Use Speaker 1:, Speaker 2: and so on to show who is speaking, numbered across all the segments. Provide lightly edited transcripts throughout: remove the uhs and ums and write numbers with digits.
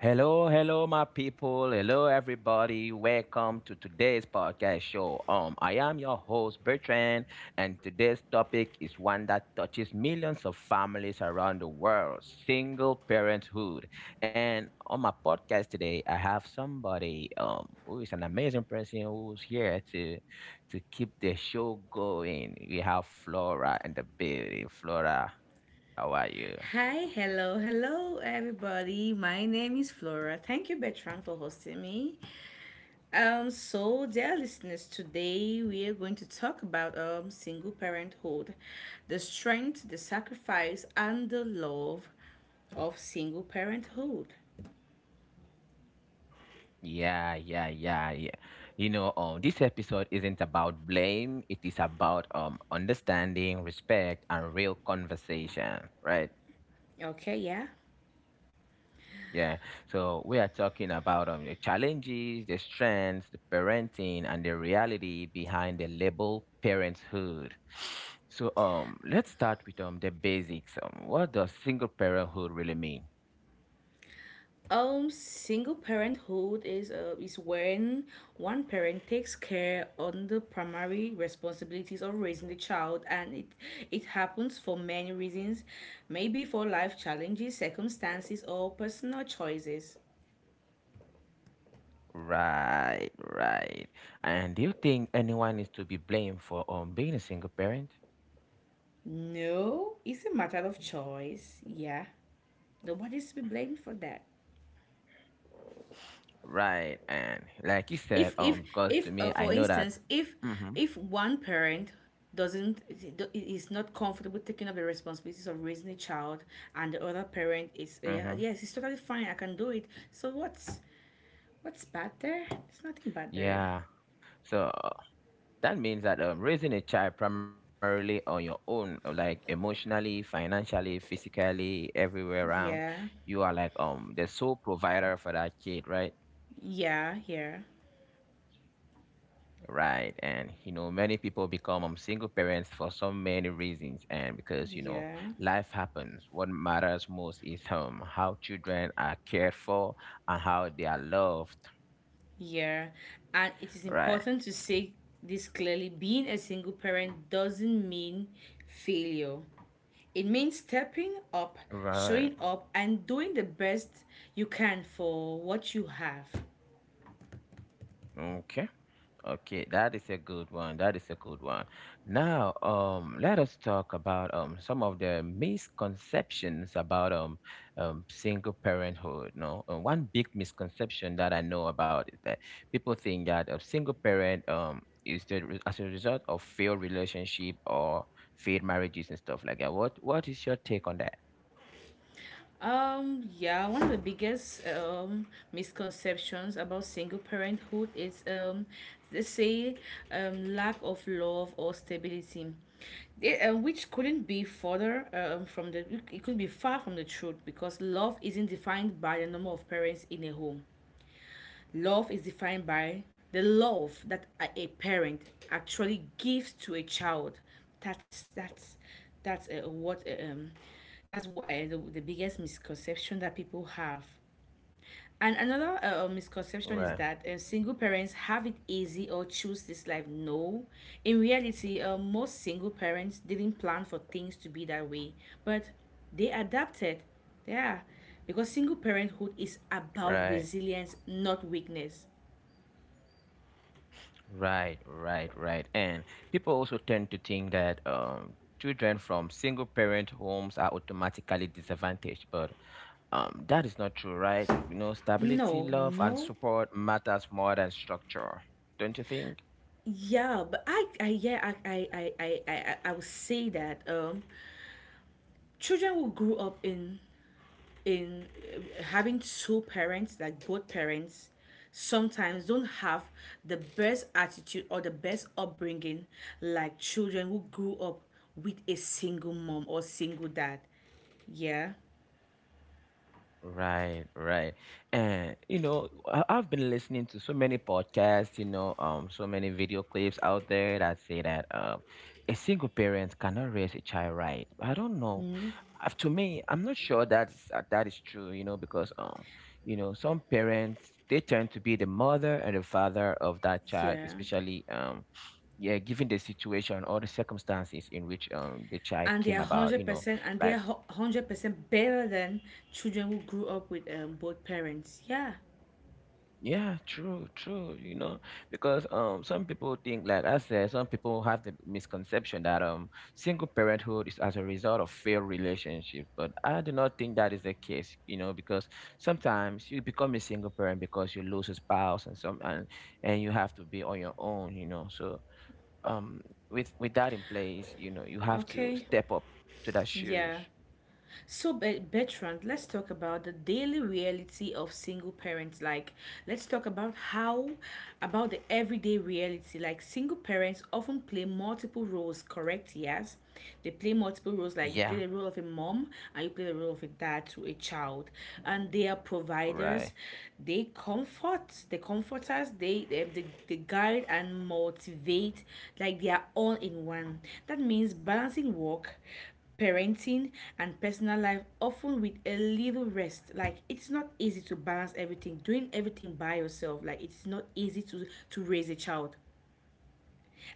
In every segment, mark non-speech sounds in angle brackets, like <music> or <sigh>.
Speaker 1: Hello, hello, my people. Hello, everybody. Welcome to today's podcast show. I am your host, Bertrand, and today's topic is one that touches millions of families around the world single parenthood. And on my podcast today, I have somebody who is an amazing person who's here to keep the show going. We have Flora and the baby. Flora, how are you?
Speaker 2: Hi, hello, everybody. My name is Flora. Thank you, Bertrand, for hosting me. Dear listeners, today we are going to talk about single parenthood, the strength, the sacrifice, and the love of single parenthood.
Speaker 1: Yeah, yeah, yeah, yeah. You know, this episode isn't about blame. It is about understanding, respect, and real conversation, right?
Speaker 2: Okay, yeah.
Speaker 1: Yeah. So we are talking about the challenges, the strengths, the parenting, and the reality behind the label parenthood. So let's start with the basics. What does single parenthood really mean?
Speaker 2: Single parenthood is when one parent takes care on the primary responsibilities of raising the child, and it happens for many reasons, maybe for life challenges, circumstances, or personal choices.
Speaker 1: Right, right. And do you think anyone is to be blamed for being a single parent?
Speaker 2: No, it's a matter of choice. Yeah, nobody's to be blamed for that.
Speaker 1: Right. And like you said,
Speaker 2: If if
Speaker 1: because to
Speaker 2: if
Speaker 1: me, I
Speaker 2: for
Speaker 1: know that.
Speaker 2: instance
Speaker 1: hmm
Speaker 2: if one parent doesn't is not comfortable taking up the responsibilities of raising a child, and the other parent is, yeah,
Speaker 1: hmm
Speaker 2: yes, it's totally fine, I can do it. So what's bad there? There's nothing bad there.
Speaker 1: Yeah. So that means that raising a child primarily on your own, like emotionally, financially, physically, everywhere around,
Speaker 2: yeah
Speaker 1: you are like the sole provider for that kid, right?
Speaker 2: yeah yeah
Speaker 1: Right. And you know, many people become single parents for so many reasons, and because you know,
Speaker 2: yeah
Speaker 1: life happens. What matters most is how children are cared for and how they are loved.
Speaker 2: yeah And it is
Speaker 1: Right.
Speaker 2: important to say this clearly: being a single parent doesn't mean failure. It means stepping up,
Speaker 1: Right.
Speaker 2: showing up, and doing the best you can for what you have.
Speaker 1: Okay. Okay, that is a good one. That is a good one. Now, let us talk about some of the misconceptions about single parenthood. No, one big misconception that I know about is that people think that a single parent is the as a result of failed relationship or failed marriages and stuff like that. What is your take on that?
Speaker 2: Yeah, One of the biggest misconceptions about single parenthood is, they say, lack of love or stability. It, which couldn't be further from the it could be far from the truth, because love isn't defined by the number of parents in a home. Love is defined by the love that a parent actually gives to a child. That's that's that's what that's what, the biggest misconception that people have. And another misconception
Speaker 1: Right.
Speaker 2: is that single parents have it easy or choose this life. No, in reality, most single parents didn't plan for things to be that way, but they adapted. Yeah, because single parenthood is about
Speaker 1: Right.
Speaker 2: resilience, not weakness.
Speaker 1: Right, right, right. And people also tend to think that children from single parent homes are automatically disadvantaged, but that is not true, right? You know, stability,
Speaker 2: No,
Speaker 1: love, and
Speaker 2: no.
Speaker 1: support matters more than structure, don't you think?
Speaker 2: Yeah, but I yeah, I would say that children who grew up in having two parents, like both parents, sometimes don't have the best attitude or the best upbringing, like children who grew up with a single mom or single dad. Yeah.
Speaker 1: Right, right. And you know, I've been listening to so many podcasts, so many video clips out there that say that a single parent cannot raise a child right. I don't know.
Speaker 2: Mm,
Speaker 1: To me, I'm not sure that is true, you know, because you know, some parents they tend to be the mother and the father of that child,
Speaker 2: yeah.
Speaker 1: especially yeah, given the situation or the circumstances in which the child
Speaker 2: And they
Speaker 1: came
Speaker 2: are
Speaker 1: about, you
Speaker 2: hundred
Speaker 1: know,
Speaker 2: percent, and they
Speaker 1: like
Speaker 2: are 100% better than children who grew up with both parents. Yeah.
Speaker 1: Yeah, true, true. You know, because some people think, like I said, some people have the misconception that single parenthood is as a result of failed relationships. But I do not think that is the case. You know, because sometimes you become a single parent because you lose a spouse and some and you have to be on your own. You know, so um, with that in place, you know, you have to
Speaker 2: Okay,
Speaker 1: step up to that shoes.
Speaker 2: yeah. So, Bertrand, let's talk about the daily reality of single parents. Like, let's talk about about the everyday reality. Like, single parents often play multiple roles, correct? Yes. They play multiple roles. Like, you play
Speaker 1: Yeah,
Speaker 2: the role of a mom and you play the role of a dad to a child. And they are providers,
Speaker 1: right.
Speaker 2: they comfort us, they guide and motivate. Like, they are all in one. That means balancing work, parenting, and personal life, often with a little rest. Like, it's not easy to balance everything, doing everything by yourself. Like, it's not easy to raise a child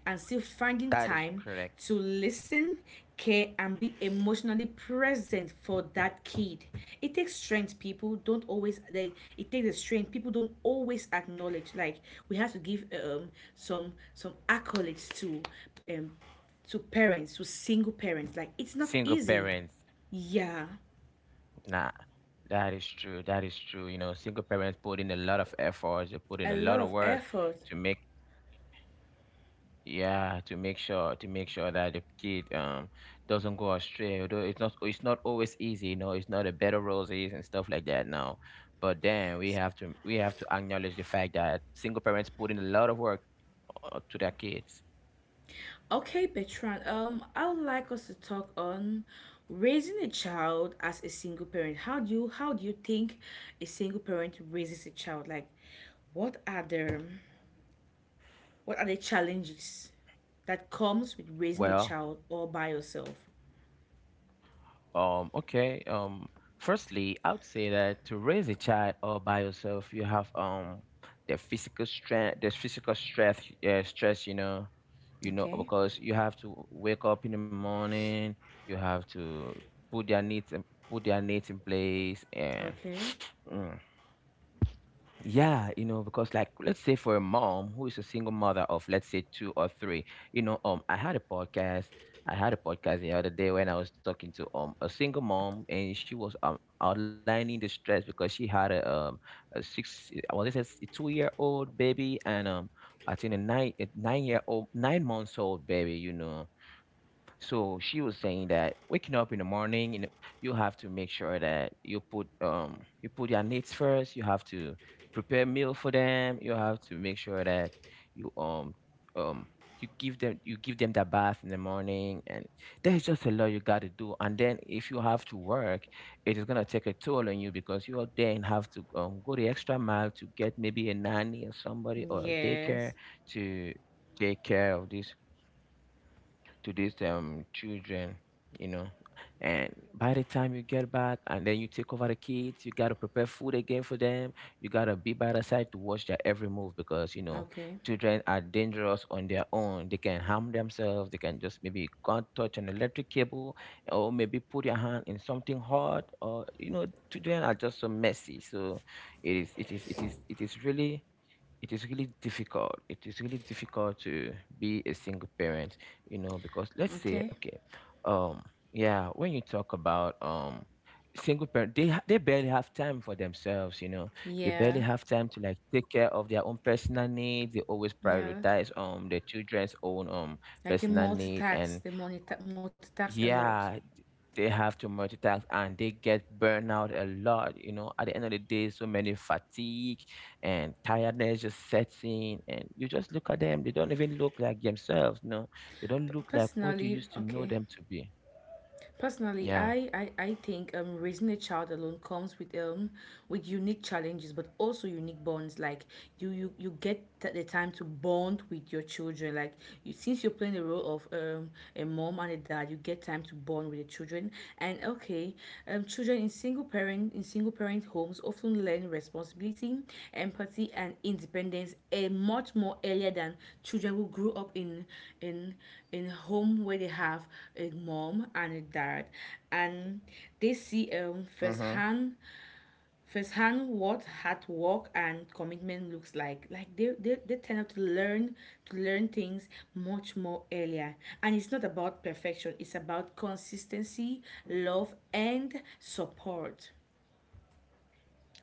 Speaker 2: and still finding
Speaker 1: That is
Speaker 2: time
Speaker 1: correct.
Speaker 2: to listen, care, and be emotionally present for that kid. It takes strength people don't always, they it takes a strength people don't always acknowledge. Like, we have to give some accolades um to parents, to single parents. Like, it's not
Speaker 1: Single
Speaker 2: easy.
Speaker 1: parents.
Speaker 2: Yeah,
Speaker 1: Nah. That is true. That is true. You know, single parents put in a lot of efforts. They put in
Speaker 2: a
Speaker 1: a
Speaker 2: lot
Speaker 1: lot of
Speaker 2: of
Speaker 1: work
Speaker 2: effort.
Speaker 1: to make yeah, to make sure that the kid doesn't go astray. Although it's not always easy. You know, it's not a bed of roses and stuff like that now. But then we have to acknowledge the fact that single parents put in a lot of work to their kids.
Speaker 2: Okay, Bertrand, I would like us to talk on raising a child as a single parent. How do you think a single parent raises a child? Like, what are the what are the challenges that comes with raising a
Speaker 1: Well,
Speaker 2: child all by yourself?
Speaker 1: Okay. Firstly, I would say that to raise a child all by yourself, you have the physical strength, the physical stress. You know,
Speaker 2: Okay.
Speaker 1: because you have to wake up in the morning. You have to put their needs, in- put their needs in place, and
Speaker 2: Okay.
Speaker 1: <sniffs> yeah, you know, because like let's say for a mom who is a single mother of let's say two or three, you know, I had a podcast. The other day when I was talking to a single mom and she was outlining the stress because she had a six I was it a 2-year old baby and I think a nine-year-old 9-month old baby. So she was saying that waking up in the morning, you know, you have to make sure that you put your needs first. You have to prepare meal for them. You have to make sure that you um you give them that bath in the morning, and there's just a lot you got to do. And then if you have to work, it is gonna take a toll on you because you will then have to go the extra mile to get maybe a nanny or somebody or a daycare
Speaker 2: Yes.
Speaker 1: to take care of this to these children, you know. And by the time you get back and then you take over the kids, you gotta prepare food again for them. You gotta be by the side to watch their every move because
Speaker 2: Okay.
Speaker 1: children are dangerous on their own. They can harm themselves, they can just maybe can't touch an electric cable or maybe put your hand in something hard, or you know, children are just so messy. So it is it is it is it is really difficult. It is really difficult to be a single parent, you know, because let's say,
Speaker 2: Okay.
Speaker 1: okay, um, yeah, when you talk about single parent, they barely have time for themselves, you know. They barely
Speaker 2: Yeah.
Speaker 1: have time to like take care of their own personal needs. They always
Speaker 2: Yeah.
Speaker 1: prioritize their children's own
Speaker 2: Like the
Speaker 1: personal need, and
Speaker 2: multitask, the multitask a lot.
Speaker 1: yeah, they have to multitask and they get burned out a lot, at the end of the day, so many fatigue and tiredness just sets in, and you just look at them, they don't even look like themselves. No, they don't
Speaker 2: P-
Speaker 1: look like what you
Speaker 2: personally,
Speaker 1: used to know
Speaker 2: okay.
Speaker 1: them to be.
Speaker 2: Personally,
Speaker 1: Yeah.
Speaker 2: I think raising a child alone comes with unique challenges, but also unique bonds. Like you get the time to bond with your children. Like, you since you're playing the role of a mom and a dad, you get time to bond with the children. And okay, children in single parent homes often learn responsibility, empathy, and independence a much more earlier than children who grew up in in home where they have a mom and a dad, and they see
Speaker 1: hmm
Speaker 2: firsthand what hard work and commitment looks like. Like, they tend up to learn things much more earlier, and it's not about perfection, it's about consistency, love, and support.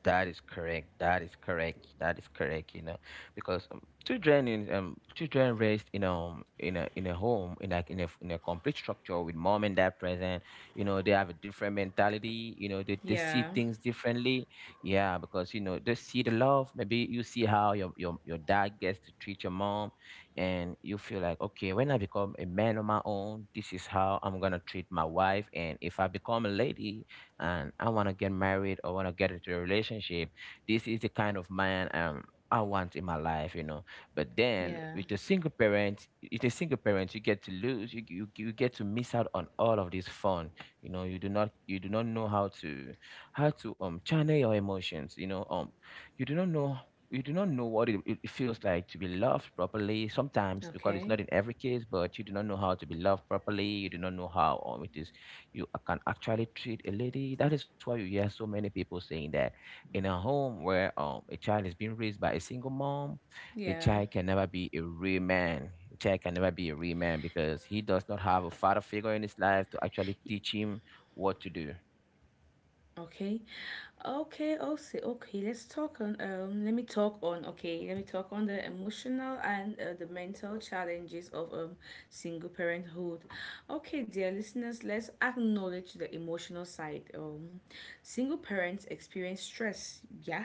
Speaker 1: That is correct. That is correct. That is correct. You know, because children raised in a home, in a complete structure with mom and dad present, you know, they have a different mentality. You know, they see
Speaker 2: yeah
Speaker 1: things differently. Yeah, because they see the love. Maybe you see how your dad gets to treat your mom, and you feel like, okay, when I become a man on my own, this is how I'm gonna treat my wife, and if I become a lady, and I want to get married or want to get into a relationship. This is the kind of man I want in my life, you know. But then
Speaker 2: yeah
Speaker 1: with a single parent, with a single parent, you get to miss out on all of this fun. You know, you do not know how to channel your emotions. You know, you do not know you do not know what it feels like to be loved properly sometimes, because it's
Speaker 2: okay
Speaker 1: not in every case, but you do not know how to be loved properly, you do not know how it is can actually treat a lady. That is why you hear so many people saying that in a home where a child is being raised by a single mom, the
Speaker 2: yeah
Speaker 1: child can never be a real man. The child can never be a real man because he does not have a father figure in his life to actually teach him what to do.
Speaker 2: Okay. Okay, also, okay, let's talk on let me talk on okay, let me talk on the emotional and the mental challenges of single parenthood. Okay, dear listeners, let's acknowledge the emotional side. Single parents experience stress, yeah,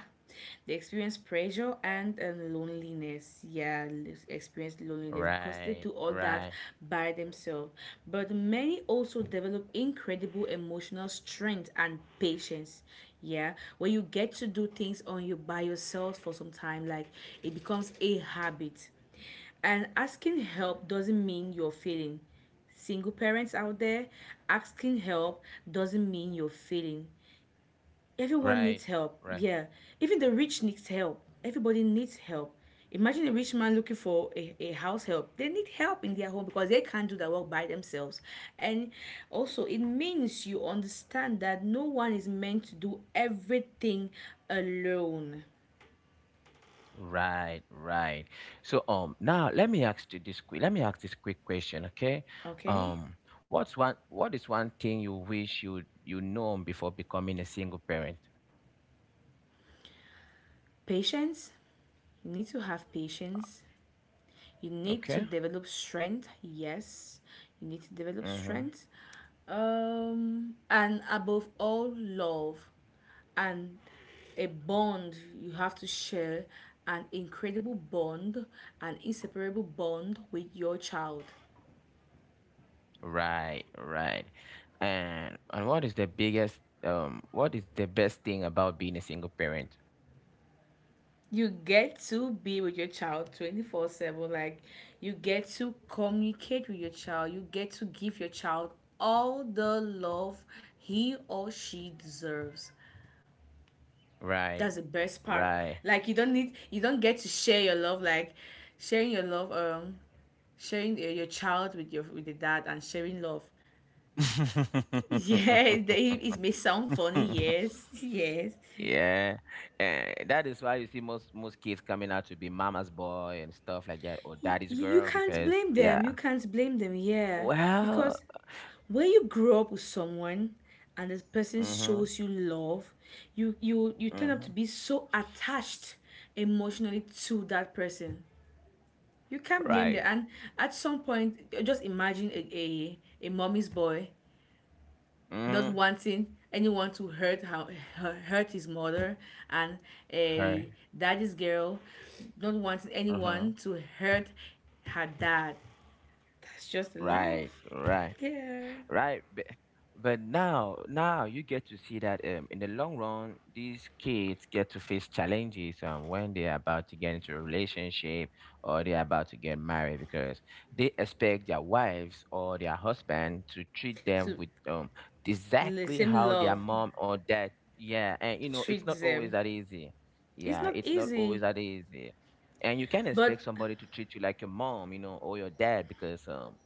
Speaker 2: they experience pressure and, loneliness. Yeah, experience loneliness because they do
Speaker 1: Right,
Speaker 2: all that
Speaker 1: right,
Speaker 2: by themselves. But many also develop incredible emotional strength and patience. Yeah, when you get to do things on you by yourself for some time, like, it becomes a habit. And asking help doesn't mean you're failing. Single parents out there, asking help doesn't mean you're failing. Everyone needs
Speaker 1: right,
Speaker 2: help.
Speaker 1: right.
Speaker 2: Yeah. Even the rich needs help. Everybody needs help. Imagine a rich man looking for a house help. They need help in their home because they can't do that work by themselves. And also, it means you understand that no one is meant to do everything alone.
Speaker 1: Right, right. So now, let me ask this quick question, okay?
Speaker 2: Okay?
Speaker 1: Um what is one thing you wish you known before becoming a single parent?
Speaker 2: Patience. You need to have patience. You need to
Speaker 1: Okay?
Speaker 2: develop strength. Yes, you need to develop
Speaker 1: Mm-hmm.
Speaker 2: strength. And above all, love and a bond you have to share, an incredible bond, an inseparable bond with your child.
Speaker 1: Right, right. And what is the best thing about being a single parent?
Speaker 2: You get to be with your child 24/7. Like, you get to communicate with your child. You get to give your child all the love he or she deserves.
Speaker 1: Right.
Speaker 2: That's the best part.
Speaker 1: Right.
Speaker 2: Like, you don't get to share your love. Like, sharing your love, sharing your child with your with the dad and sharing love. <laughs> Yeah, they, it may sound funny,
Speaker 1: <laughs>
Speaker 2: yes, <laughs> yes.
Speaker 1: Yeah, and that is why you see most kids coming out to be mama's boy and stuff like that, or daddy's
Speaker 2: You
Speaker 1: girl,
Speaker 2: can't
Speaker 1: because
Speaker 2: blame
Speaker 1: yeah.
Speaker 2: them. You can't blame them, yeah.
Speaker 1: Well,
Speaker 2: Because when you grow up with someone and this person
Speaker 1: mm-hmm,
Speaker 2: shows you love, you tend up to
Speaker 1: mm-hmm,
Speaker 2: be so attached emotionally to that person. You can't blame them.
Speaker 1: right,
Speaker 2: And at some point, just imagine a mommy's boy not
Speaker 1: mm-hmm.
Speaker 2: wanting anyone to hurt his mother, and
Speaker 1: Right.
Speaker 2: a daddy's girl not wanting
Speaker 1: Mm-hmm,
Speaker 2: anyone to hurt her dad. That's just love.
Speaker 1: right, right.
Speaker 2: Yeah.
Speaker 1: Right? But now you get to see that, in the long run, these kids get to face challenges when they are about to get into a relationship or they are about to get married, because they expect their wives or their husband to treat them
Speaker 2: To
Speaker 1: with,
Speaker 2: the
Speaker 1: exactly
Speaker 2: same
Speaker 1: how their
Speaker 2: love
Speaker 1: mom or dad. Yeah, and you know it's not
Speaker 2: treats
Speaker 1: always
Speaker 2: them.
Speaker 1: that easy.
Speaker 2: It's
Speaker 1: Yeah,
Speaker 2: not
Speaker 1: it's not always
Speaker 2: easy,
Speaker 1: that easy, and you can't expect
Speaker 2: but
Speaker 1: somebody to treat you like your mom, you know, or your dad because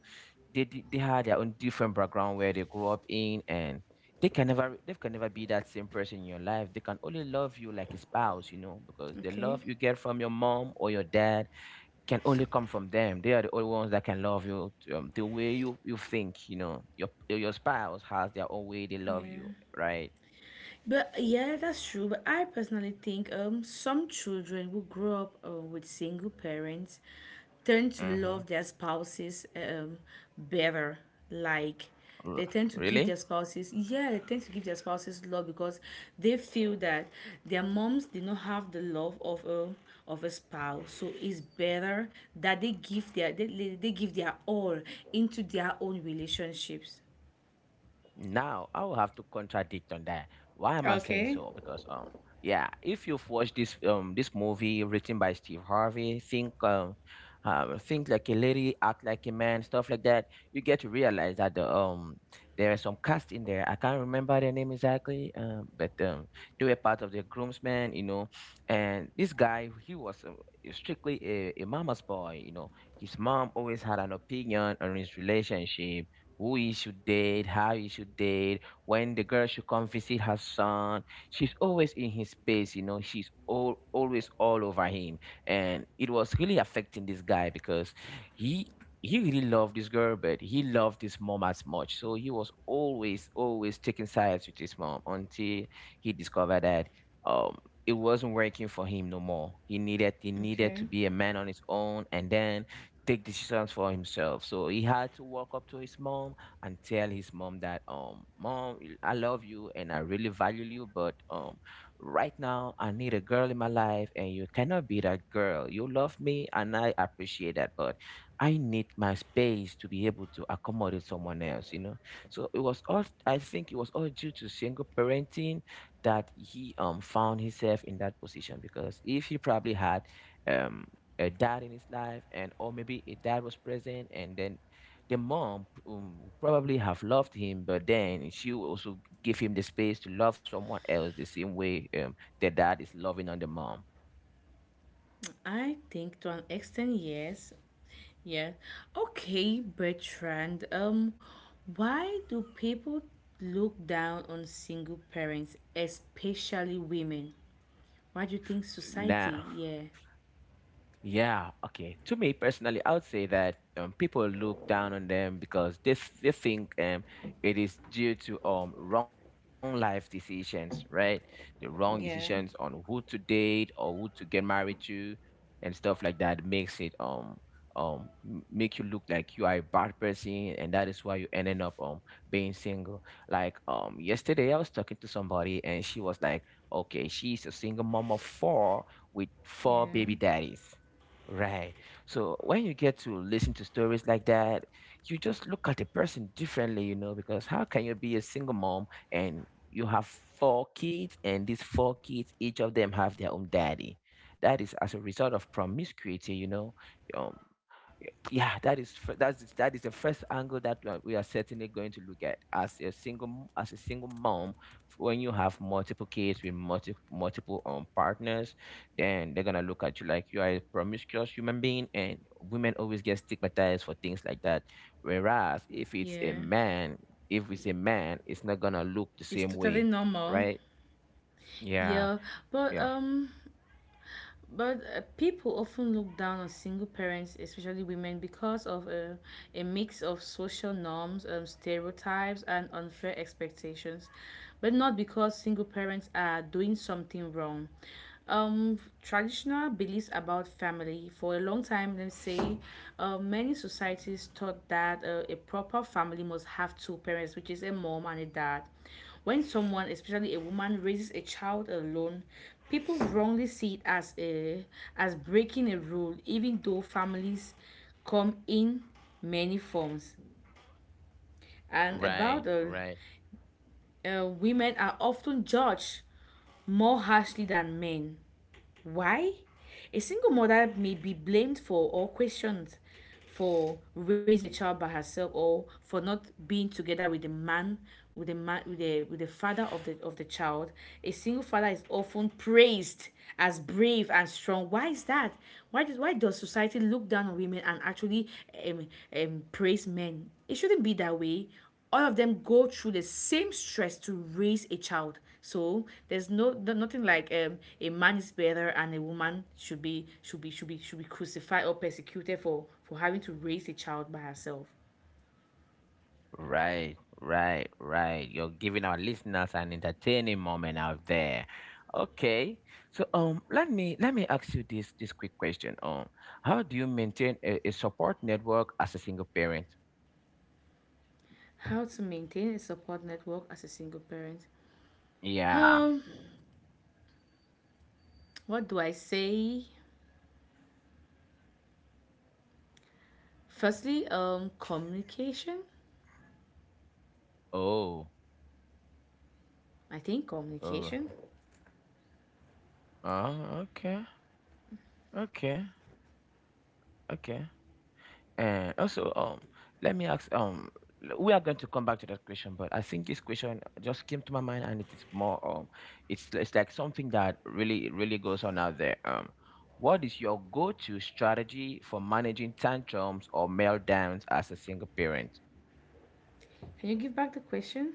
Speaker 1: they had their own different background where they grew up in, and they can never be that same person in your life. They can only love you like a spouse, you know, because the
Speaker 2: okay.
Speaker 1: love you get from your mom or your dad can only come from them. They are the only ones that can love you, the way you think, you know, your spouse has their own way they love you,
Speaker 2: Yeah.
Speaker 1: right.
Speaker 2: But yeah, that's true. But I personally think some children who grow up with single parents tend to
Speaker 1: Mm-hmm.
Speaker 2: love their spouses better. Like,
Speaker 1: Really?
Speaker 2: they tend to give their spouses love, because they feel that their moms did not have the love of a spouse, so it's better that they give their all into their own relationships.
Speaker 1: Now, I will have to contradict on that. Why am I saying
Speaker 2: Okay.
Speaker 1: so? Because yeah, if you've watched this this movie written by Steve Harvey, think Think Like a Lady, Act Like a Man, stuff like that, you get to realize that there are some cast in there. I can't remember their name exactly, but they were part of the groomsmen, you know, and this guy, he was strictly a mama's boy, you know. His mom always had an opinion on his relationship: who he should date, how he should date, when the girl should come visit her son. She's always in his space, you know. She's all always all over him, and it was really affecting this guy because he he really loved this girl, but he loved his mom as much. So he was always taking sides with his mom until he discovered that um it wasn't working for him no more. He needed to
Speaker 2: Okay.
Speaker 1: be a man on his own, and then take decisions for himself. So he had to walk up to his mom and tell his mom that, mom, I love you and I really value you, but right now I need a girl in my life, and you cannot be that girl. You love me and I appreciate that, but I need my space to be able to accommodate someone else. You know, so it was all. I think it was all due to single parenting that he found himself in that position because if he probably had. um a dad in his life, and or maybe a dad was present, and then the mom probably have loved him, but then she will also give him the space to love someone else the same way the dad is loving on the mom
Speaker 2: I think to an extent, yes. Yeah. Okay, Bertrand. Why do people look down on single parents, especially women? Why do you think society?
Speaker 1: now.
Speaker 2: Yeah.
Speaker 1: Yeah, okay. To me personally, I would say that people look down on them because they they think it is due to wrong life decisions, right? The wrong decisions
Speaker 2: Yeah.
Speaker 1: on who to date or who to get married to and stuff like that makes it make you look like you are a bad person, and that is why you ended up being single. Like yesterday I was talking to somebody, and she was like, okay, she's a single mom of four with four baby
Speaker 2: Yeah.
Speaker 1: daddies. Right. So when you get to listen to stories like that, you just look at the person differently, you know, because how can you be a single mom and you have four kids, and these four kids, each of them have their own daddy? That is as a result of promiscuity, you know. Um, yeah, that is the first angle that we are certainly going to look at as as a single mom. When you have multiple kids with multiple partners, then they're gonna look at you like you are a promiscuous human being, and women always get stigmatized for things like that, whereas if it's
Speaker 2: Yeah.
Speaker 1: a man, if it's a man, it's not gonna look the
Speaker 2: It's
Speaker 1: same
Speaker 2: totally
Speaker 1: way, right.
Speaker 2: normal.
Speaker 1: Yeah.
Speaker 2: Yeah.
Speaker 1: Yeah.
Speaker 2: But um But people often look down on single parents, especially women, because of a mix of social norms, stereotypes, and unfair expectations, but not because single parents are doing something wrong. Traditional beliefs about family for a long time, let's say, many societies thought that a proper family must have two parents, which is a mom and a dad. When someone, especially a woman, raises a child alone, people wrongly see it as a as breaking a rule, even though families come in many forms. And
Speaker 1: Right.
Speaker 2: about
Speaker 1: Right.
Speaker 2: women are often judged more harshly than men. Why? A single mother may be blamed for or questioned for raising a child by herself, or for not being together with the man, with the father of the child. A single father is often praised as brave and strong. Why is that? Why does society look down on women and actually um, praise men? It shouldn't be that way. All of them go through the same stress to raise a child. So there's no nothing like, a man is better and a woman should be crucified or persecuted for having to raise a child by herself.
Speaker 1: Right, right, right. You're giving our listeners an entertaining moment out there. Okay. So let me ask you this quick question. How do you maintain a support network as a single parent?
Speaker 2: How to maintain a support network as a single parent?
Speaker 1: Yeah.
Speaker 2: Um, what do I say? Firstly, communication.
Speaker 1: Oh.
Speaker 2: I think
Speaker 1: Oh.
Speaker 2: communication.
Speaker 1: Oh, okay. Okay. Okay. And also, let me ask, we are going to come back to that question, but I think this question just came to my mind, and it is more, it's like something that really goes on out there. What is your go-to strategy for managing tantrums or meltdowns as a single parent?
Speaker 2: Can you give back the question?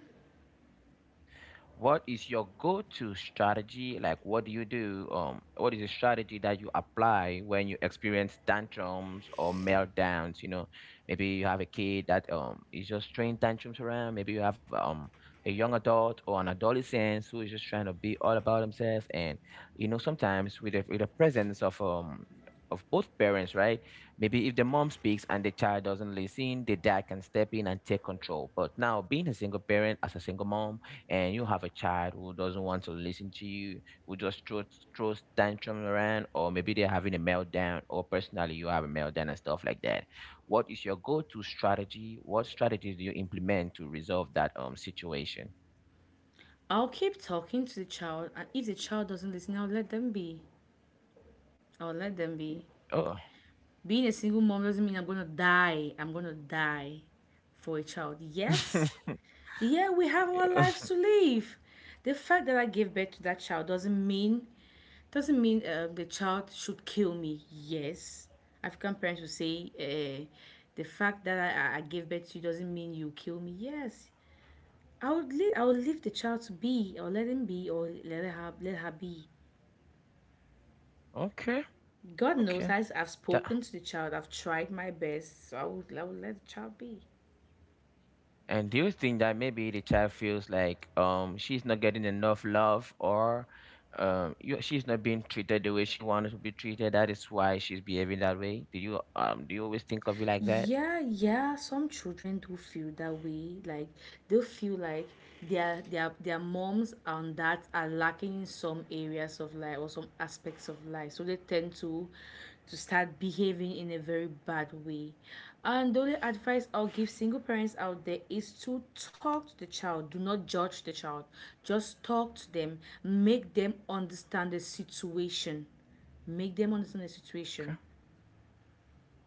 Speaker 1: What is your go-to strategy? Like, what do you do? What is a strategy that you apply when you experience tantrums or meltdowns? You know, maybe you have a kid that is just throwing tantrums around. Maybe you have a young adult or an adolescent who is just trying to be all about themselves. And you know, sometimes with with the presence of both parents, right? Maybe if the mom speaks and the child doesn't listen, the dad can step in and take control. But now, being a single parent as a single mom, and you have a child who doesn't want to listen to you, who just throws tantrum around, or maybe they're having a meltdown, or personally you have a meltdown and stuff like that. What is your go-to strategy? What strategy do you implement to resolve that situation?
Speaker 2: I'll keep talking to the child, and if the child doesn't listen, I'll let them be. I'll let them be.
Speaker 1: Oh,
Speaker 2: Being a single mom doesn't mean I'm gonna die. I'm gonna die for a child. Yes,
Speaker 1: <laughs>
Speaker 2: yeah, we have our lives to live. The fact that I gave birth to that child doesn't mean the child should kill me. Yes, African parents will say, the fact that I gave birth to you doesn't mean you kill me. Yes, I would leave. I would leave the child to be, or let him be, or let her be.
Speaker 1: okay,
Speaker 2: God knows
Speaker 1: okay.
Speaker 2: I've
Speaker 1: That
Speaker 2: spoken to the child. I've tried my best, so I would let the child be.
Speaker 1: And do you think that maybe the child feels like she's not getting enough love, or she's not being treated the way she wanted to be treated? That is why she's behaving that way. Do you always think of it like that?
Speaker 2: Yeah, yeah. Some children do feel that way. Like they feel like their moms and dads are lacking in some areas of life or some aspects of life. So they tend to start behaving in a very bad way. And the only advice I'll give single parents out there is to talk to the child. Do not judge the child. Just talk to them. Make them understand the situation. Make them understand the situation.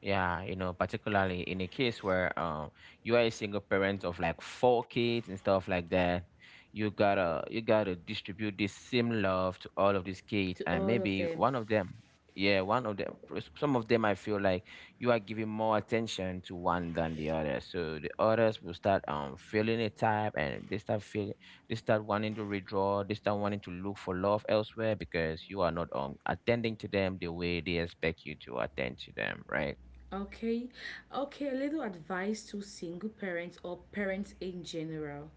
Speaker 1: Yeah, you know, particularly in a case where you are a single parent of like four kids and stuff like that, you gotta distribute this same love to all of these kids,
Speaker 2: To
Speaker 1: and
Speaker 2: all of
Speaker 1: maybe
Speaker 2: them.
Speaker 1: one of them, yeah, one of them some of them, I feel like you are giving more attention to one than the other. So the others will start feeling a type, and they start feeling they start wanting to withdraw, they start wanting to look for love elsewhere because you are not attending to them the way they expect you to attend to them, right?
Speaker 2: Okay, okay, a little advice to single parents or parents in general.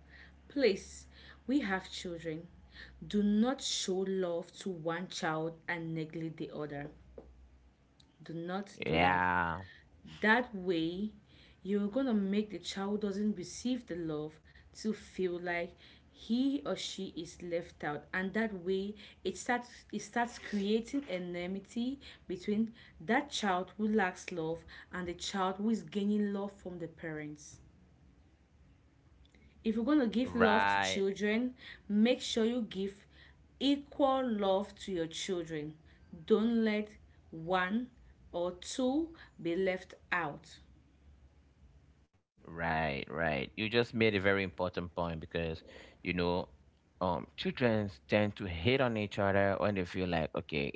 Speaker 2: Please, we have children. Do not show love to one child and neglect the other. Do not do that.
Speaker 1: Yeah,
Speaker 2: That way, you're gonna make the child who doesn't receive the love to feel like he or she is left out, and that way it starts creating enmity between that child who lacks love and the child who is gaining love from the parents. If you're gonna give love to
Speaker 1: right.
Speaker 2: children, make sure you give equal love to your children. Don't let one or two be left out.
Speaker 1: Right, right. You just made a very important point because, you know, children tend to hate on each other when they feel like, okay,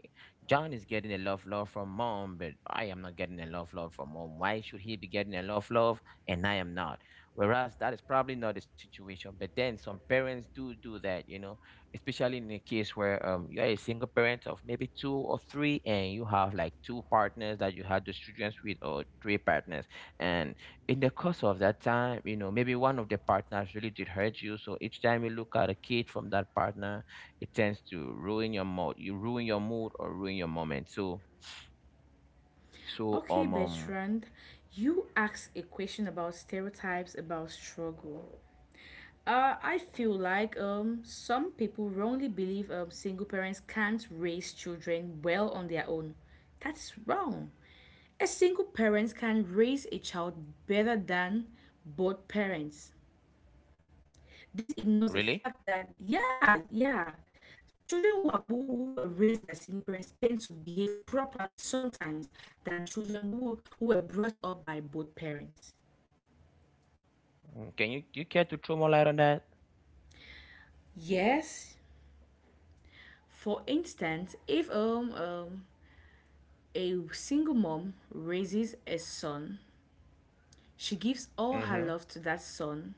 Speaker 1: John is getting a love from mom, but I am not getting a love from mom. Why should he be getting a love and I am not? Whereas that is probably not the situation. But then some parents do that, you know, especially in a case where you are a single parent of maybe two or three, and you have like two partners that you had those children with, or three partners, and in the course of that time, you know, maybe one of the partners really did hurt you. So each time you look at a kid from that partner, it tends to ruin your mood. You ruin your mood or ruin your moment. So so
Speaker 2: Okay,
Speaker 1: um, um
Speaker 2: Bertrand, you asked a question about stereotypes about struggle. I feel like some people wrongly believe, single parents can't raise children well on their own. That's wrong. A single parent can raise a child better than both parents. This ignores the
Speaker 1: really.
Speaker 2: fact that, yeah, yeah, children who, are, who were raised by single parents tend to behave properly sometimes than children who were brought up by both parents.
Speaker 1: Mm, can you do you care to throw more light on that?
Speaker 2: Yes, for instance, if a single mom raises a son, she gives all her
Speaker 1: Mm-hmm.
Speaker 2: love to that son,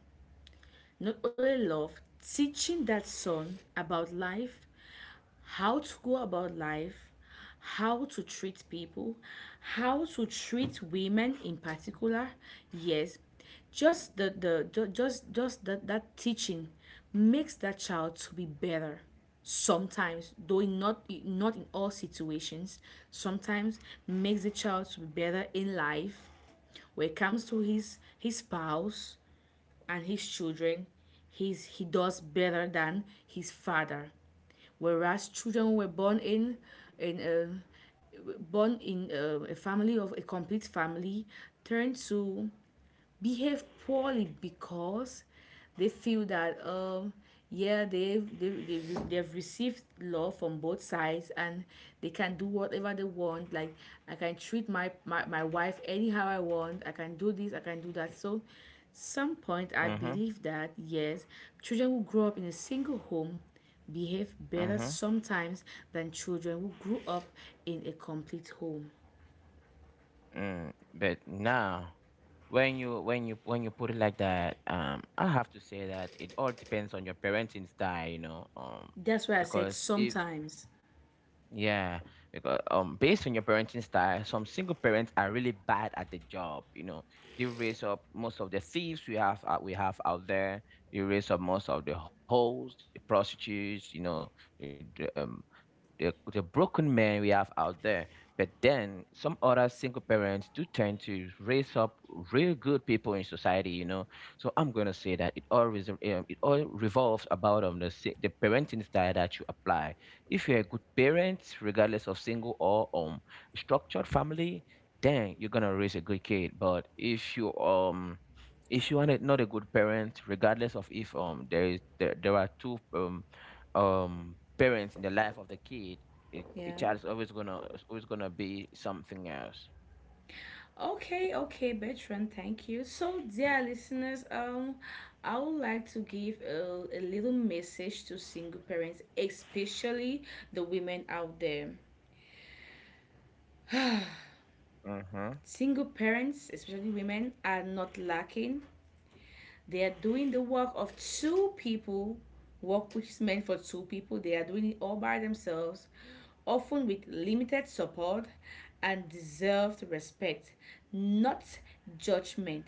Speaker 2: not only love, teaching that son about life, how to go about life, how to treat people, how to treat women in particular. Yes, just just that that teaching makes that child to be better sometimes, though in not not in all situations, sometimes makes the child to be better in life when it comes to his spouse and his children. He does better than his father, whereas children were born in a born in a family of a complete family turned to behave poorly because they feel that yeah, they've received love from both sides and they can do whatever they want. Like I can treat my wife anyhow I want. I can do this, I can do that. So some point I
Speaker 1: Mm-hmm.
Speaker 2: believe that yes, children who grow up in a single home behave better
Speaker 1: Mm-hmm.
Speaker 2: sometimes than children who grew up in a complete home.
Speaker 1: Mm. But now, when you put it like that, I have to say that it all depends on your parenting style, you know,
Speaker 2: That's why I said
Speaker 1: because if
Speaker 2: sometimes.
Speaker 1: Yeah, because based on your parenting style, some single parents are really bad at the job. You know, they raise up most of the thieves we have out there. They raise up most of the hoes, the prostitutes. You know, the, the um the broken men we have out there. But then some other single parents do tend to raise up real good people in society. You know, so I'm gonna say that it all it all revolves about the parenting style that you apply. If you're a good parent, regardless of single or structured family, then you're gonna raise a good kid. But if you are not a good parent, regardless of if there is there are two parents in the life of the kid, the
Speaker 2: Yeah.
Speaker 1: child is always gonna be something else.
Speaker 2: Okay, okay, Bertrand, thank you. So, dear listeners, I would like to give a little message to single parents, especially the women out there.
Speaker 1: Mm-hmm.
Speaker 2: Single parents, especially women, are not lacking. They are doing the work of two people, work which is meant for two people. They are doing it all by themselves, often with limited support and deserved respect, not judgment,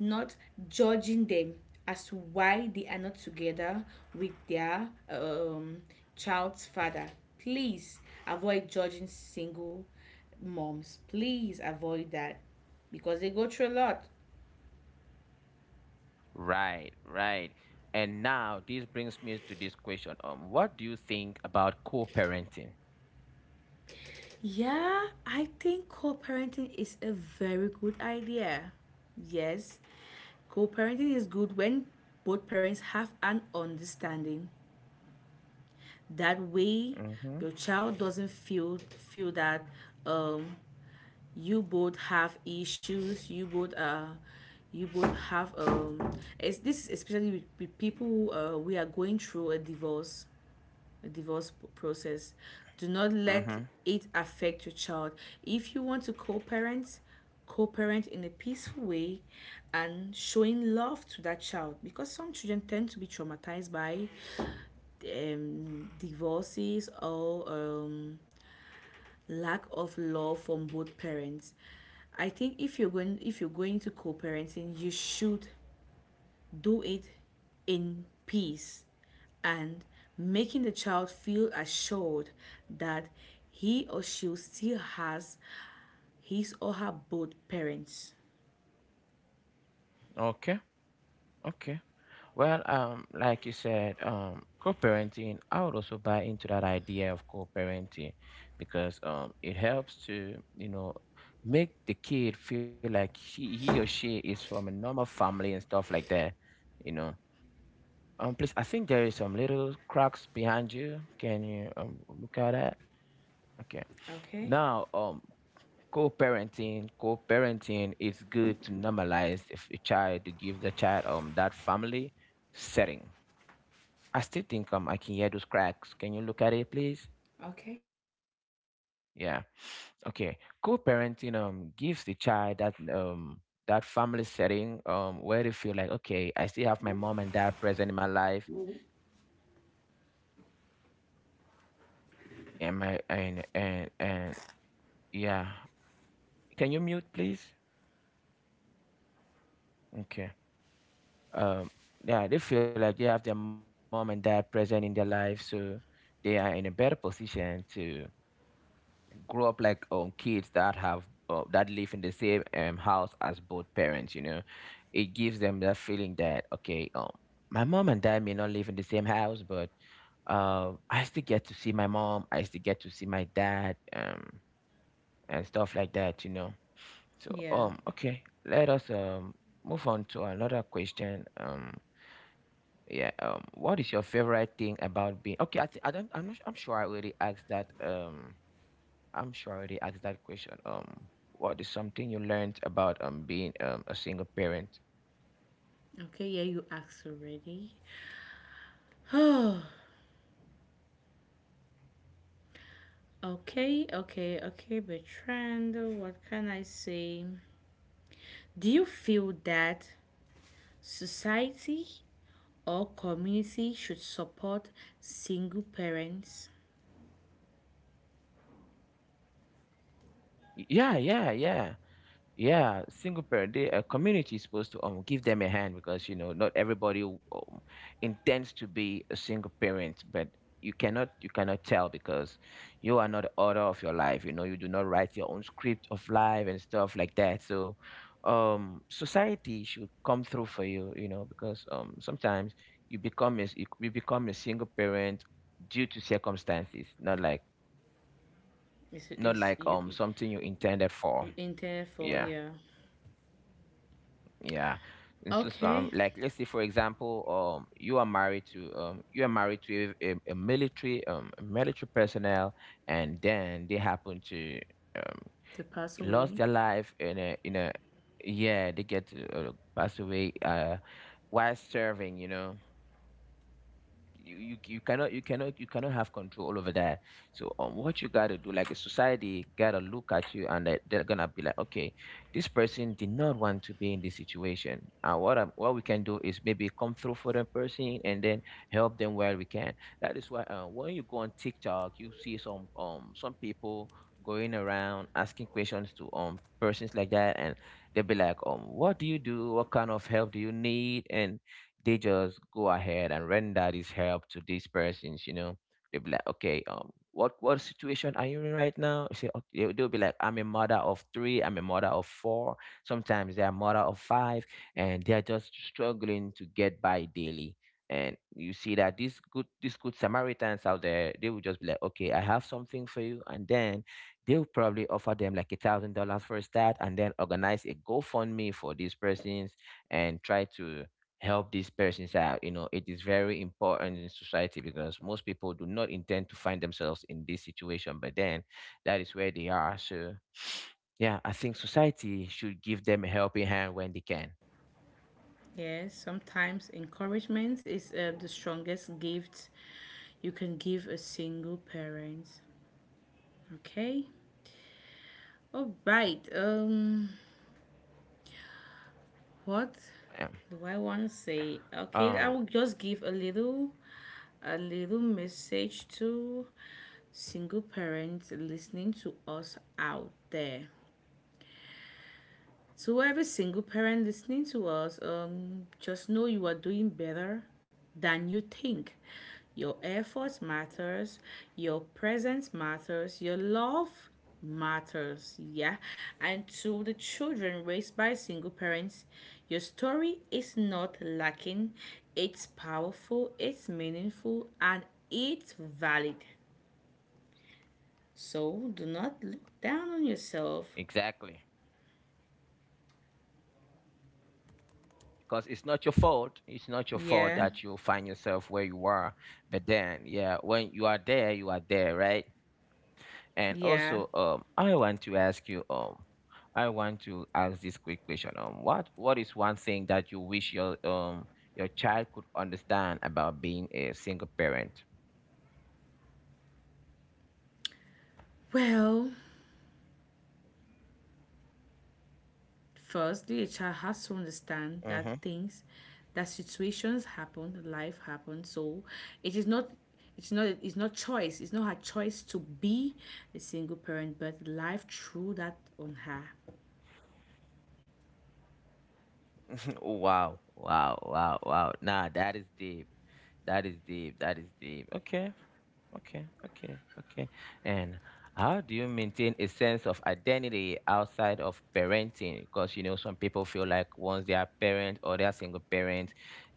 Speaker 2: not judging them as to why they are not together with their, child's father. Please avoid judging single moms. Please avoid that because they go through a lot.
Speaker 1: Right, right. And now this brings me to this question: what do you think about co-parenting?
Speaker 2: Yeah, I think co parenting is a very good idea. Yes, co parenting is good when both parents have an understanding. That way,
Speaker 1: Mm-hmm.
Speaker 2: your child doesn't feel that, um, you both have issues. You both are, you both have. It's, this is especially with people who we are going through a divorce process. Do not let
Speaker 1: Mm-hmm.
Speaker 2: it affect your child. If you want to co parent in a peaceful way and showing love to that child because some children tend to be traumatized by, divorces or, lack of love from both parents. I think if you're going to co-parenting, you should do it in peace and making the child feel assured that he or she still has his or her both parents.
Speaker 1: Okay. Okay. Well, like you said, I would also buy into that idea of co-parenting because it helps to, you know, make the kid feel like he or she is from a normal family and stuff like that, you know. Please, I think there is some little cracks behind you. Can you look at that? Okay.
Speaker 2: Okay?
Speaker 1: Now, co-parenting is good to normalize if a child to give the child that family setting. I still think, I can hear those cracks. Can you look at it, please?
Speaker 2: Okay.
Speaker 1: Yeah. <sniffs> Okay, co-parenting gives the child that, that family setting, where they feel like, okay, I still have my mom and dad present in my life, and my and, yeah. Can you mute, please? Okay. um, yeah, they feel like they have their mom and dad present in their life, so they are in a better position to grow up like kids that live in the same house as both parents. You know, it gives them that feeling that, okay, my mom and dad may not live in the same house, but I still get to see my mom, I still get to see my dad, and stuff like that. You know, so
Speaker 2: Yeah.
Speaker 1: okay, let us move on to another question. Yeah, what is your favorite thing about being, okay, I don't, I'm, not, I'm sure I already asked that. I'm sure I already asked that question. What is something you learned about being a single parent?
Speaker 2: Okay, yeah, you asked already. <sighs> Okay, okay, okay, Bertrand, what can I say? Do you feel that society or community should support single parents?
Speaker 1: Yeah, yeah, yeah. Yeah, single parent, they, a community is supposed to give them a hand because, you know, not everybody intends to be a single parent, but you cannot tell because you are not the author of your life. You know, you do not write your own script of life and stuff like that. So society should come through for you. You know, because sometimes you become you become a single parent due to circumstances, not like
Speaker 2: You.
Speaker 1: something you intended for.
Speaker 2: You intended for,
Speaker 1: Yeah.
Speaker 2: yeah.
Speaker 1: Yeah. And so some,
Speaker 2: Okay,
Speaker 1: like, let's say for example, you are married to a military, a military personnel, and then they happen to, um
Speaker 2: to pass
Speaker 1: lost
Speaker 2: away.
Speaker 1: their life in a, yeah, they get to, pass away, while serving, you know. You cannot have control over that. So what you gotta do, like, a society gotta look at you, and they're gonna be like, okay, this person did not want to be in this situation, and what we can do is maybe come through for the person and then help them where we can. That is why, when you go on TikTok, you see some people going around asking questions to persons like that, and they'll be like, what do you do, what kind of help do you need, and they just go ahead and render this help to these persons, you know. They'll be like, okay, what situation are you in right now? You say, okay, they'll be like, I'm a mother of three, I'm a mother of four. Sometimes they're a mother of five, and they're just struggling to get by daily. And you see that these good Samaritans out there, they will just be like, okay, I have something for you, and then they'll probably offer them like $1,000 for a start, and then organize a GoFundMe for these persons and try to help these persons out. You know, it is very important in society because most people do not intend to find themselves in this situation, but then that is where they are. So, <sniffs> yeah, I think society should give them a helping hand when they can.
Speaker 2: Yes, sometimes encouragement is, the strongest gift you can give a single parent. Okay, all right. What do I want to say?
Speaker 1: Um,
Speaker 2: Okay, I
Speaker 1: um,
Speaker 2: will just give a little message to single parents listening to us out there. So, every single parent listening to us, just know you are doing better than you think. Your effort matters, your presence matters, your love matters, yeah. And to the children raised by single parents, your story is not lacking, it's powerful, it's meaningful, and it's valid. So, do not look down on yourself.
Speaker 1: exactly. Because it's not your fault. It's not your fault that
Speaker 2: Yeah,
Speaker 1: you find yourself where you are. But then, yeah, when you are there, right? And
Speaker 2: yeah.
Speaker 1: also, I want to ask this quick question. What is one thing that you wish your child could understand about being a single parent?
Speaker 2: Well, firstly, a child has to understand that
Speaker 1: Mm-hmm.
Speaker 2: things, that situations happen, life happens. So it is not, it's not choice. It's not her choice to be a single parent, but life threw that on her.
Speaker 1: <laughs> Wow, wow, wow, wow. Nah, that is deep. That is deep. That is deep. Okay. Okay, okay, okay. And how do you maintain a sense of identity outside of parenting? Because, you know, some people feel like once they are parent or they are single parent,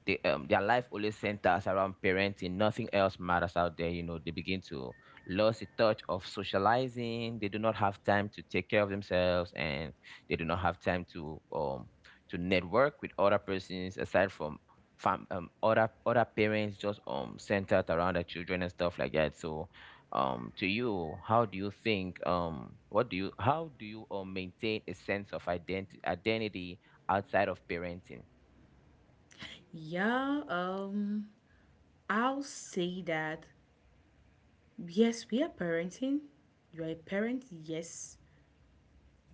Speaker 1: their life only centers around parenting. Nothing else matters out there. You know, they begin to lose the touch of socializing. They do not have time to take care of themselves, and they do not have time to, to network with other persons aside from fam other parents, just centered around the children and stuff like that. So to you, how do you think, what do you how do you maintain a sense of identity outside of parenting?
Speaker 2: Yeah. I'll say that yes, we are parenting. You are a parent. Yes,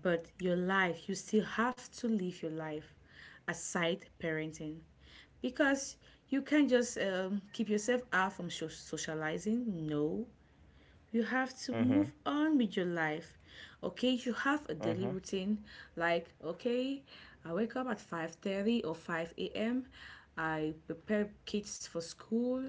Speaker 2: but your life, you still have to live your life aside parenting because you can't just, keep yourself out from socializing. No, you have to move
Speaker 1: Mm-hmm.
Speaker 2: on with your life. Okay, you have a daily
Speaker 1: Mm-hmm.
Speaker 2: routine like okay, I wake up at 5:30 or 5 a.m. I prepare kids for school.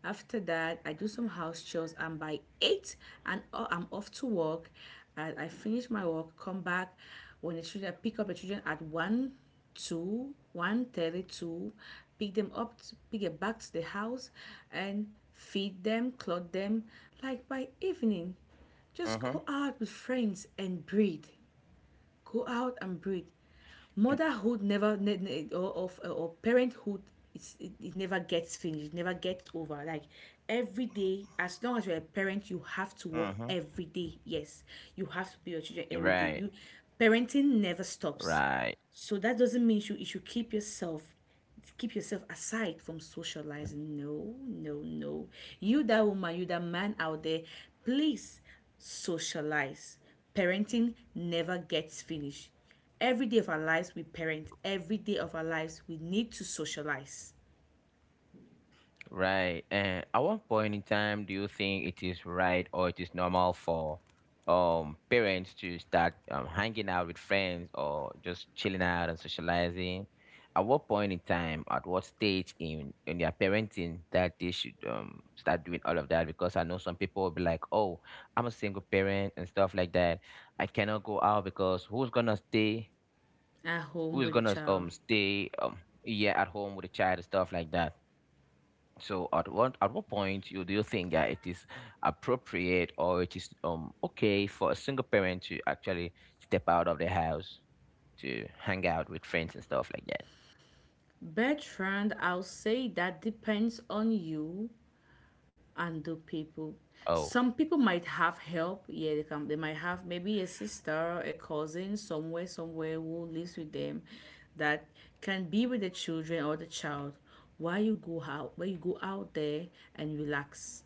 Speaker 2: After that, I do some house chores, and by 8 and I I'm off to work. And I finish my work, come back when the children I pick up the children at 1 two, 1:32, pick them up, pick them back to the house, and feed them, clothe them. Like by evening,
Speaker 1: Mm-hmm.
Speaker 2: just go out with friends and breathe. Go out and breathe. Motherhood never, or parenthood, it never gets finished, never gets over. Like every day, as long as you're a parent, you have to work
Speaker 1: Mm-hmm.
Speaker 2: every day. Yes, you have to be your children every
Speaker 1: Right.
Speaker 2: day. You, parenting never stops.
Speaker 1: Right.
Speaker 2: So that doesn't mean you, you should keep yourself aside from socializing. No, no, no. You, that woman, you, that man out there, please socialize. Parenting never gets finished. Every day of our lives, we parent. Every day of our lives, we need to socialize
Speaker 1: Right. And at what point in time do you think it is right or it is normal for parents to start hanging out with friends or just chilling out and socializing? At what point in time, at what stage in their parenting that they should start doing all of that? Because I know some people will be like, "Oh, I'm a single parent and stuff like that. I cannot go out because who's gonna stay?
Speaker 2: at home
Speaker 1: Who's
Speaker 2: with the
Speaker 1: gonna
Speaker 2: child.
Speaker 1: stay, yeah, at home with a child and stuff like that?" So at what point you do you think that it is appropriate or it is okay for a single parent to actually step out of the house to hang out with friends and stuff like that?
Speaker 2: Bertrand, I'll say that depends on you and the people.
Speaker 1: Oh.
Speaker 2: Some people might have help. Yeah, they can. They might have maybe a sister, a cousin somewhere, somewhere who lives with them, that can be with the children or the child while you go out, while you go out there and relax.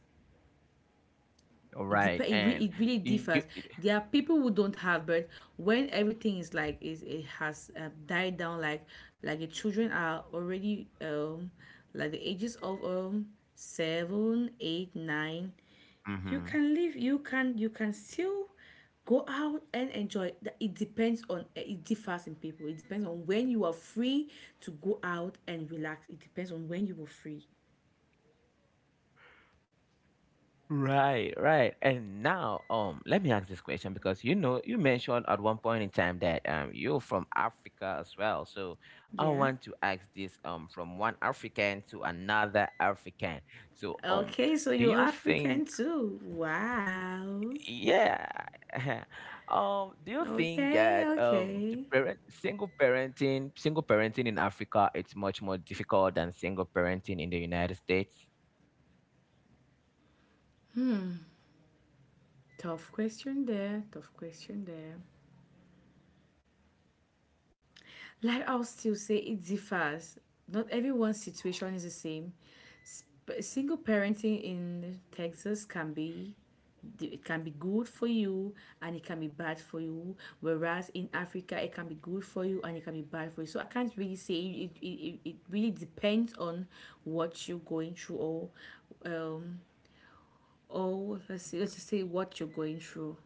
Speaker 1: All
Speaker 2: It dep-
Speaker 1: right.
Speaker 2: it, re-
Speaker 1: And
Speaker 2: It really
Speaker 1: you.
Speaker 2: differs. There are people who don't have, but when everything is like is it has, died down, like the children are already, like the ages of, seven, eight, nine, you
Speaker 1: Mm-hmm.
Speaker 2: can live. You can still go out and enjoy. It depends on it differs in people. It depends on when you are free to go out and relax. It depends on when you were free.
Speaker 1: Right, right. And now, let me ask this question because, you know, you mentioned at one point in time that you're from Africa as well. So I
Speaker 2: Yeah.
Speaker 1: want to ask this from one African to another African. So
Speaker 2: Okay, so
Speaker 1: do
Speaker 2: you're
Speaker 1: you
Speaker 2: African
Speaker 1: think...
Speaker 2: too. Wow.
Speaker 1: Yeah. <laughs> Do you think
Speaker 2: Okay,
Speaker 1: that the
Speaker 2: okay.
Speaker 1: parent single parenting in Africa it's much more difficult than single parenting in the United States?
Speaker 2: Tough question there. Tough question there. Like I'll still say it differs. Not everyone's situation is the same. Single parenting in Texas can be, it can be good for you and it can be bad for you, whereas in Africa it can be good for you and it can be bad for you. So I can't really say. It really depends on what you're going through or, um or let's see, let's just say what you're going through.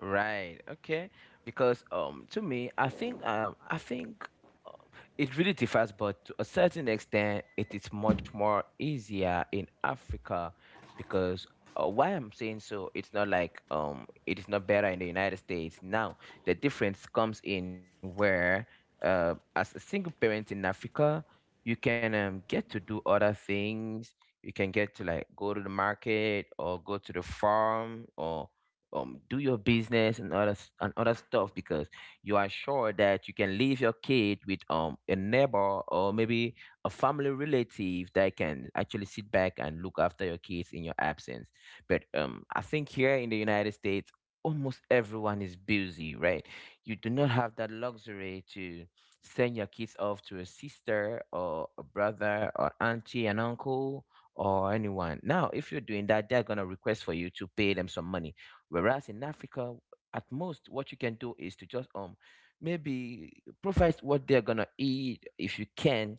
Speaker 1: Right. Okay. Because to me, I think, uh, it really differs, but to a certain extent, it is much more easier in Africa. Because, why I'm saying so, it's not like, it is not better in the United States. Now, the difference comes in where, as a single parent in Africa, you can, get to do other things. You can get to like go to the market or go to the farm or do your business and and other stuff because you are sure that you can leave your kid with a neighbor or maybe a family relative that can actually sit back and look after your kids in your absence. But I think here in the United States, almost everyone is busy, right? You do not have that luxury to send your kids off to a sister or a brother or auntie and uncle or anyone. Now, if you're doing that, they're going to request for you to pay them some money. Whereas in Africa, at most, what you can do is to just, maybe provide what they're gonna eat if you can,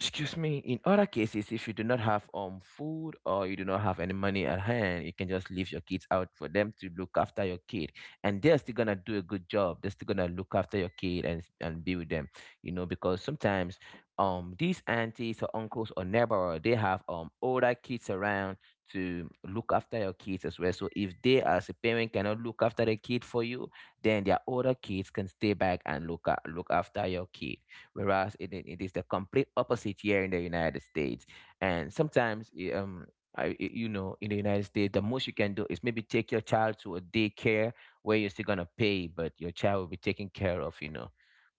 Speaker 1: excuse me. In other cases, if you do not have food or you do not have any money at hand, you can just leave your kids out for them to look after your kid, and they're still gonna do a good job. They're still gonna look after your kid and be with them, you know, because sometimes these aunties or uncles or neighbor, they have older kids around to look after your kids as well. So if they as a parent cannot look after the kid for you, then their older kids can stay back and look after your kid, whereas it is the complete opposite here in the United States. And sometimes, you know, in the United States, the most you can do is maybe take your child to a daycare where you're still gonna pay, but your child will be taken care of, you know.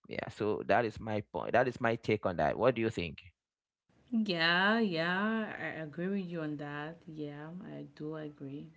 Speaker 1: Yeah, so that is my point. That is my take on that. What do you think?
Speaker 2: Yeah, yeah, I agree with you on that. Yeah, I do agree.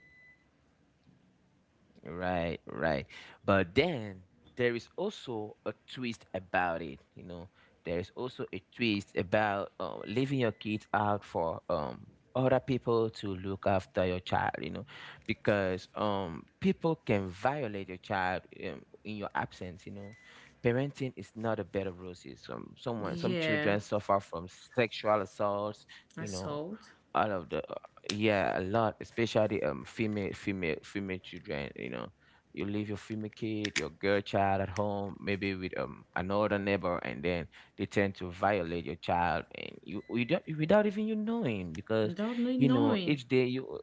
Speaker 1: Right, right. But then there is also a twist about it. You know, there is also a twist about, leaving your kids out for, other people to look after your child. You know, because, people can violate your child, in your absence. You know, parenting is not a bed of roses. Someone, some
Speaker 2: Yeah,
Speaker 1: children suffer from sexual assaults. You know,
Speaker 2: assalto.
Speaker 1: all of the, yeah, a lot, especially female children, you know. You leave your female kid, your girl child at home, maybe with another neighbor, and then they tend to violate your child, and you don't, without even you knowing, because,
Speaker 2: Don't need
Speaker 1: you know,
Speaker 2: knowing.
Speaker 1: each day you,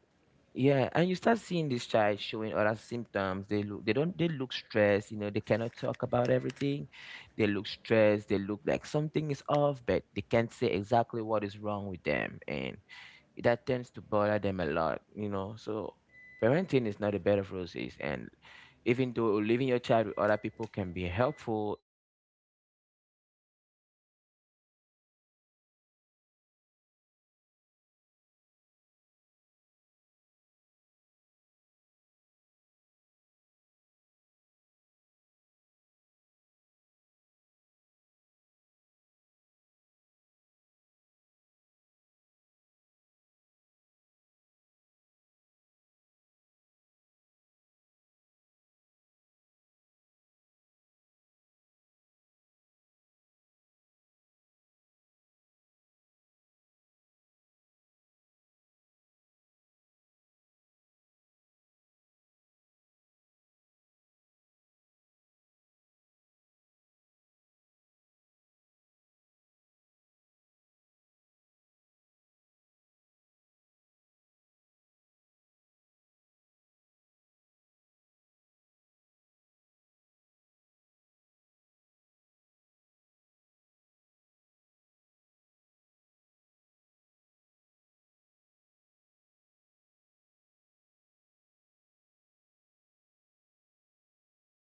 Speaker 1: yeah, and you start seeing this child showing other symptoms. They don't they look stressed, you know, they cannot talk about everything. They look stressed, they look like something is off, but they can't say exactly what is wrong with them, and that tends to bother them a lot, you know. So parenting is not a bed of roses, and even though leaving your child with other people can be helpful, it sometimes comes with some disadvantages. Do you think that is correct? Oh, I don't doubt my fans.